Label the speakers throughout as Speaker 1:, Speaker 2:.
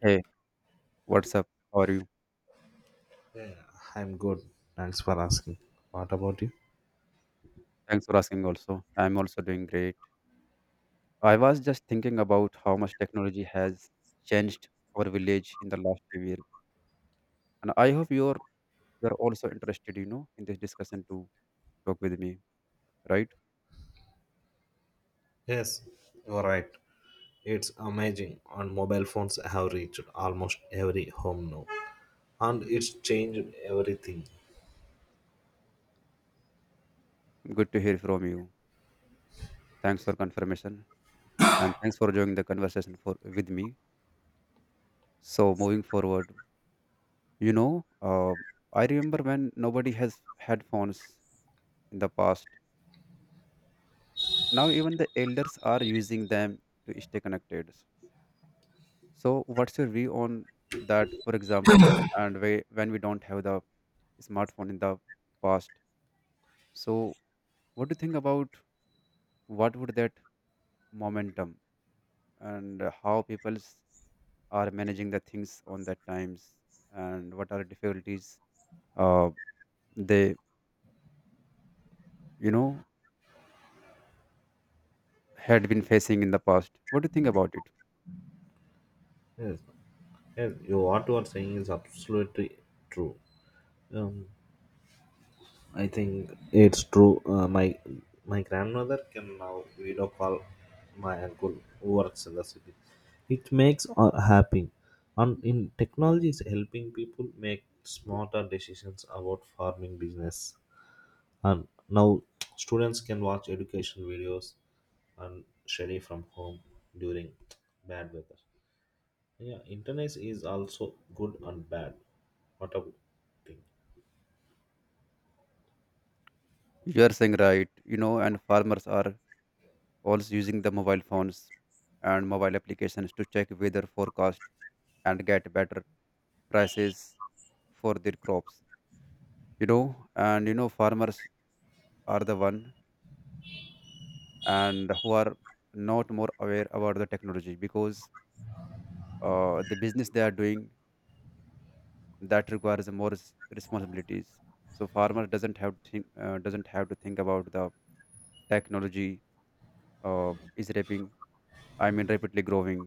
Speaker 1: Hey, what's up? How are you?
Speaker 2: Yeah. I'm good. Thanks for asking. What about you?
Speaker 1: Thanks for asking also. I'm also doing great. I was just thinking about how much technology has changed our village in the last few years. And I hope you're also interested, you know, in this discussion to talk with me, right?
Speaker 2: Yes, you're right. It's amazing on mobile phones have reached almost every home now. And it's changed everything.
Speaker 1: Good to hear from you. Thanks for confirmation and thanks for joining the conversation for with me. So moving forward, you know, I remember when nobody has had phones in the past. Now even the elders are using them to stay connected. So, what's your view on that, for example, and when we don't have the smartphone in the past? So, what do you think about what would that momentum and how people are managing the things on that times and what are difficulties uh, they, you know, had been facing in the past? What do you think about it?
Speaker 2: Yes. Yes, you, what you are saying is absolutely true. Um, I think it's true. My grandmother can now video call my uncle who works in the city. It makes her happy, and in technology is helping people make smarter decisions about farming business. And now students can watch education videos and study from home during bad weather. Yeah, internet is also good and bad. What a thing.
Speaker 1: You are saying right, you know, and farmers are also using the mobile phones and mobile applications to check weather forecast and get better prices for their crops, you know. And you know farmers are the one and who are not more aware about the technology because the business they are doing that requires more responsibilities, so farmer doesn't have to think, about the technology. Is raping, I mean rapidly growing,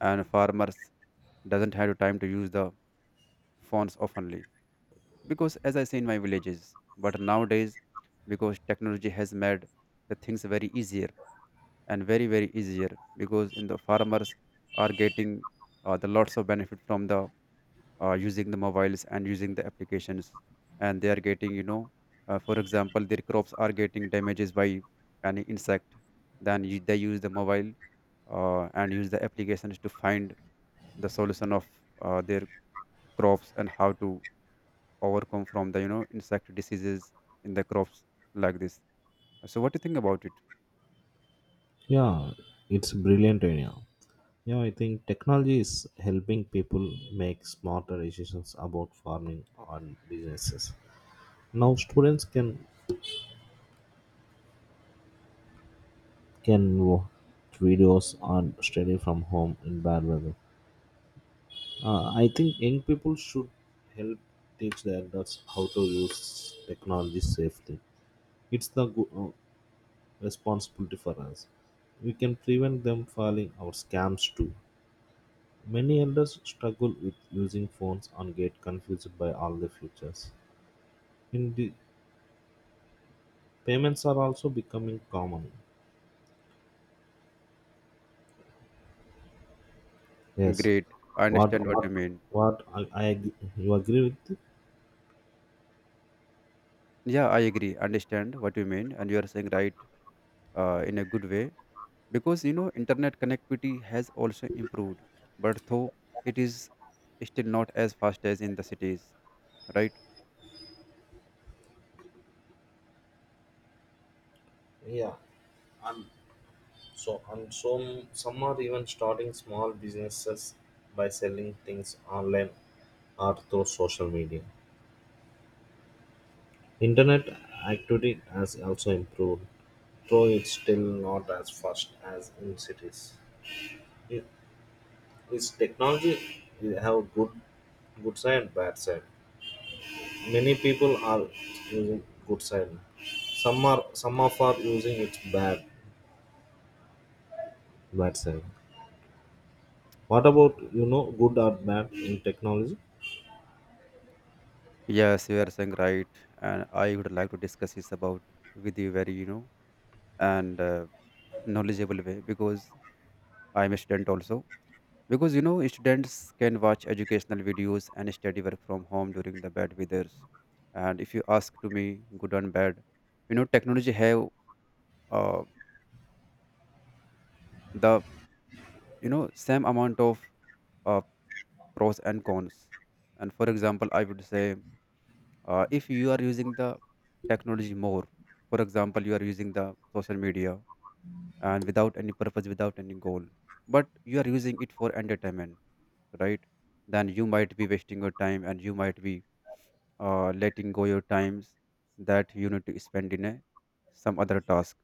Speaker 1: and farmers doesn't have the time to use the phones oftenly, because as I say in my villages. But nowadays, because technology has made the things very easier and very very easier, because in the farmers are getting the lots of benefit from the using the mobiles and using the applications. And they are getting, you know, for example, their crops are getting damages by any insect, then they use the mobile and use the applications to find the solution of their crops and how to overcome from the, you know, insect diseases in the crops, like this. So what do you think about it?
Speaker 2: Yeah, it's a brilliant idea. Yeah, I think technology is helping people make smarter decisions about farming and businesses. Now students can watch videos and study from home in bad weather. I think young people should help teach their adults how to use technology safely. It's the responsibility for us. We can prevent them falling our scams too. Many elders struggle with using phones and get confused by all the features. In the payments are also becoming common. Yes.
Speaker 1: Great, I
Speaker 2: What
Speaker 1: understand what you
Speaker 2: what
Speaker 1: mean.
Speaker 2: what you agree with? It?
Speaker 1: Yeah, I agree, understand what you mean, and you are saying right, in a good way, because you know internet connectivity has also improved, but though it is still not as fast as in the cities, right?
Speaker 2: Yeah. And so some are even starting small businesses by selling things online or through social media. Internet activity has also improved, though it's still not as fast as in cities. This technology have good side and bad side. Many people are using good side. Some are some of are using its bad side. What about good or bad in technology?
Speaker 1: Yes, you are saying right, and I would like to discuss this about with you very, you know, and knowledgeable way, because I'm a student also. Because you know, students can watch educational videos and study work from home during the bad weathers. And if you ask to me, good and bad, you know, technology have uh, the, you know, same amount of uh, pros and cons. And for example, I would say if you are using the technology more, for example, you are using the social media and without any purpose, without any goal, but you are using it for entertainment, right? Then you might be wasting your time and you might be letting go your times that you need to spend in a some other task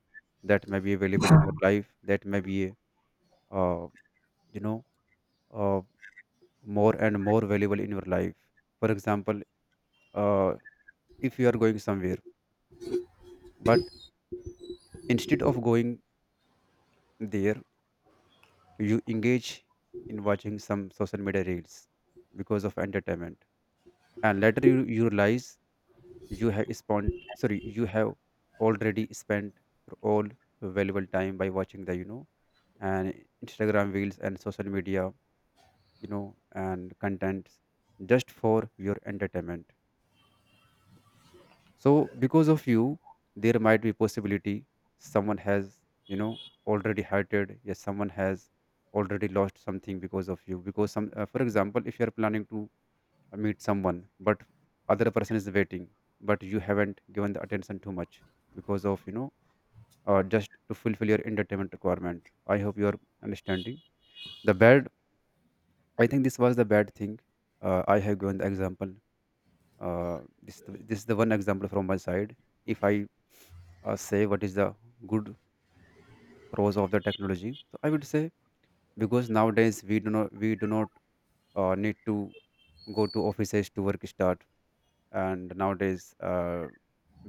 Speaker 1: that may be available in your life, that may be uh, you know, uh, more and more valuable in your life. For example, uh, if you are going somewhere, but instead of going there you engage in watching some social media reels because of entertainment, and later you realize you have spent, sorry, you have already spent your all valuable time by watching the, you know, and Instagram reels and social media, you know, and contents just for your entertainment. So because of you, there might be possibility someone has, you know, already hurted. Yes, someone has already lost something because of you. Because for example, if you are planning to meet someone, but other person is waiting, but you haven't given the attention too much because of, you know, just to fulfill your entertainment requirement. I hope you are understanding the bad I think This was the bad thing. I have given the example. This is the one example from my side. If I say what is the good pros of the technology, so I would say, because nowadays we do not need to go to offices to work start, and nowadays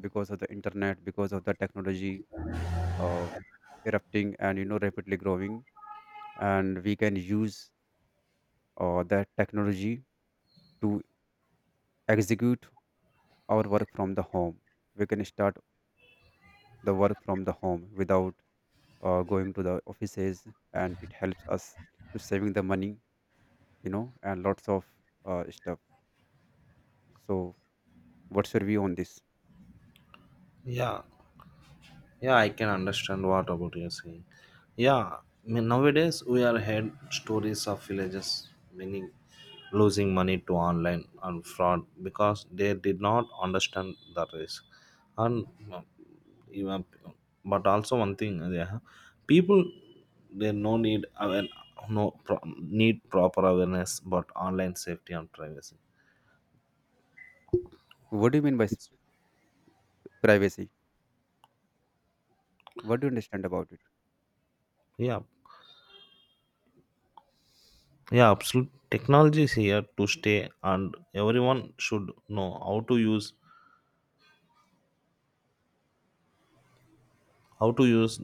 Speaker 1: because of the internet, because of the technology uh, erupting and you know rapidly growing, and we can use that technology to execute our work from the home. We can start the work from the home without going to the offices, and it helps us to saving the money, you know, and lots of stuff. So, what's your view on this?
Speaker 2: Yeah, Yeah, I can understand what about you're saying. Yeah, I mean, nowadays we are heard stories of villages meaning losing money to online and fraud because they did not understand the risk. And uh, even, but also one thing, yeah, people they no need aware, no pro, need proper awareness about online safety and privacy.
Speaker 1: What do you mean by
Speaker 2: It's
Speaker 1: privacy? What do you understand about it?
Speaker 2: yeah, Yeah, absolute technology is here to stay, and everyone should know how to use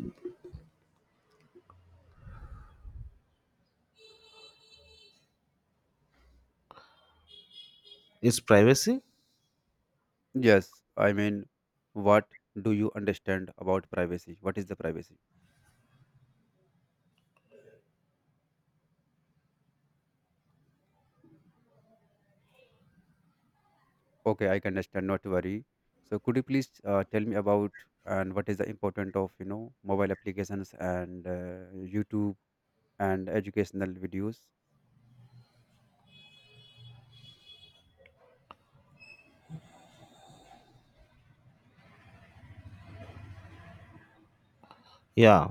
Speaker 2: its privacy.
Speaker 1: Yes, I mean, what do you understand about privacy? What is the privacy? Okay, I can understand. Not to worry. So, could you please tell me about and what is the important of, you know, mobile applications and YouTube and educational videos.
Speaker 2: Yeah,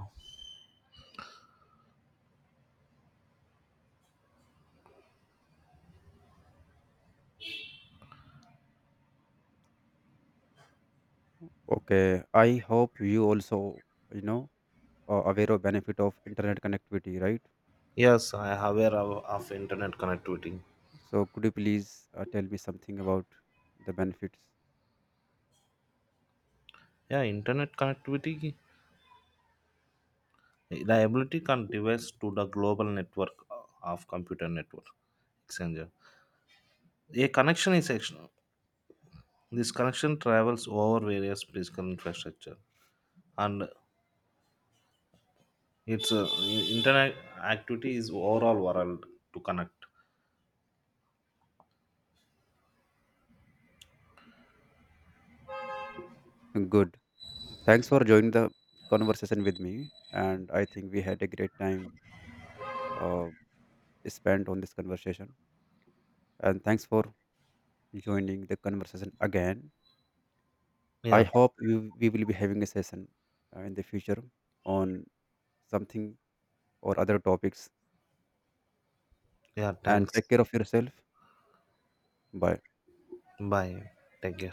Speaker 1: Okay, I hope you also, you know, are aware of benefit of internet connectivity, right?
Speaker 2: yes, I am aware of internet connectivity.
Speaker 1: So could you please tell me something about the benefits?
Speaker 2: Yeah, internet connectivity, the can device to the global network of computer network exchanger. A connection is action. This connection travels over various physical infrastructure, and its internet activity is overall world to connect.
Speaker 1: Good. Thanks for joining the conversation with me, and I think we had a great time uh, spent on this conversation. And thanks for joining the conversation again. I
Speaker 2: Yeah,
Speaker 1: hope we will be having a session in the future on something or other topics.
Speaker 2: Yeah,
Speaker 1: And
Speaker 2: thanks.
Speaker 1: take care of yourself. Bye.
Speaker 2: Bye. Take care.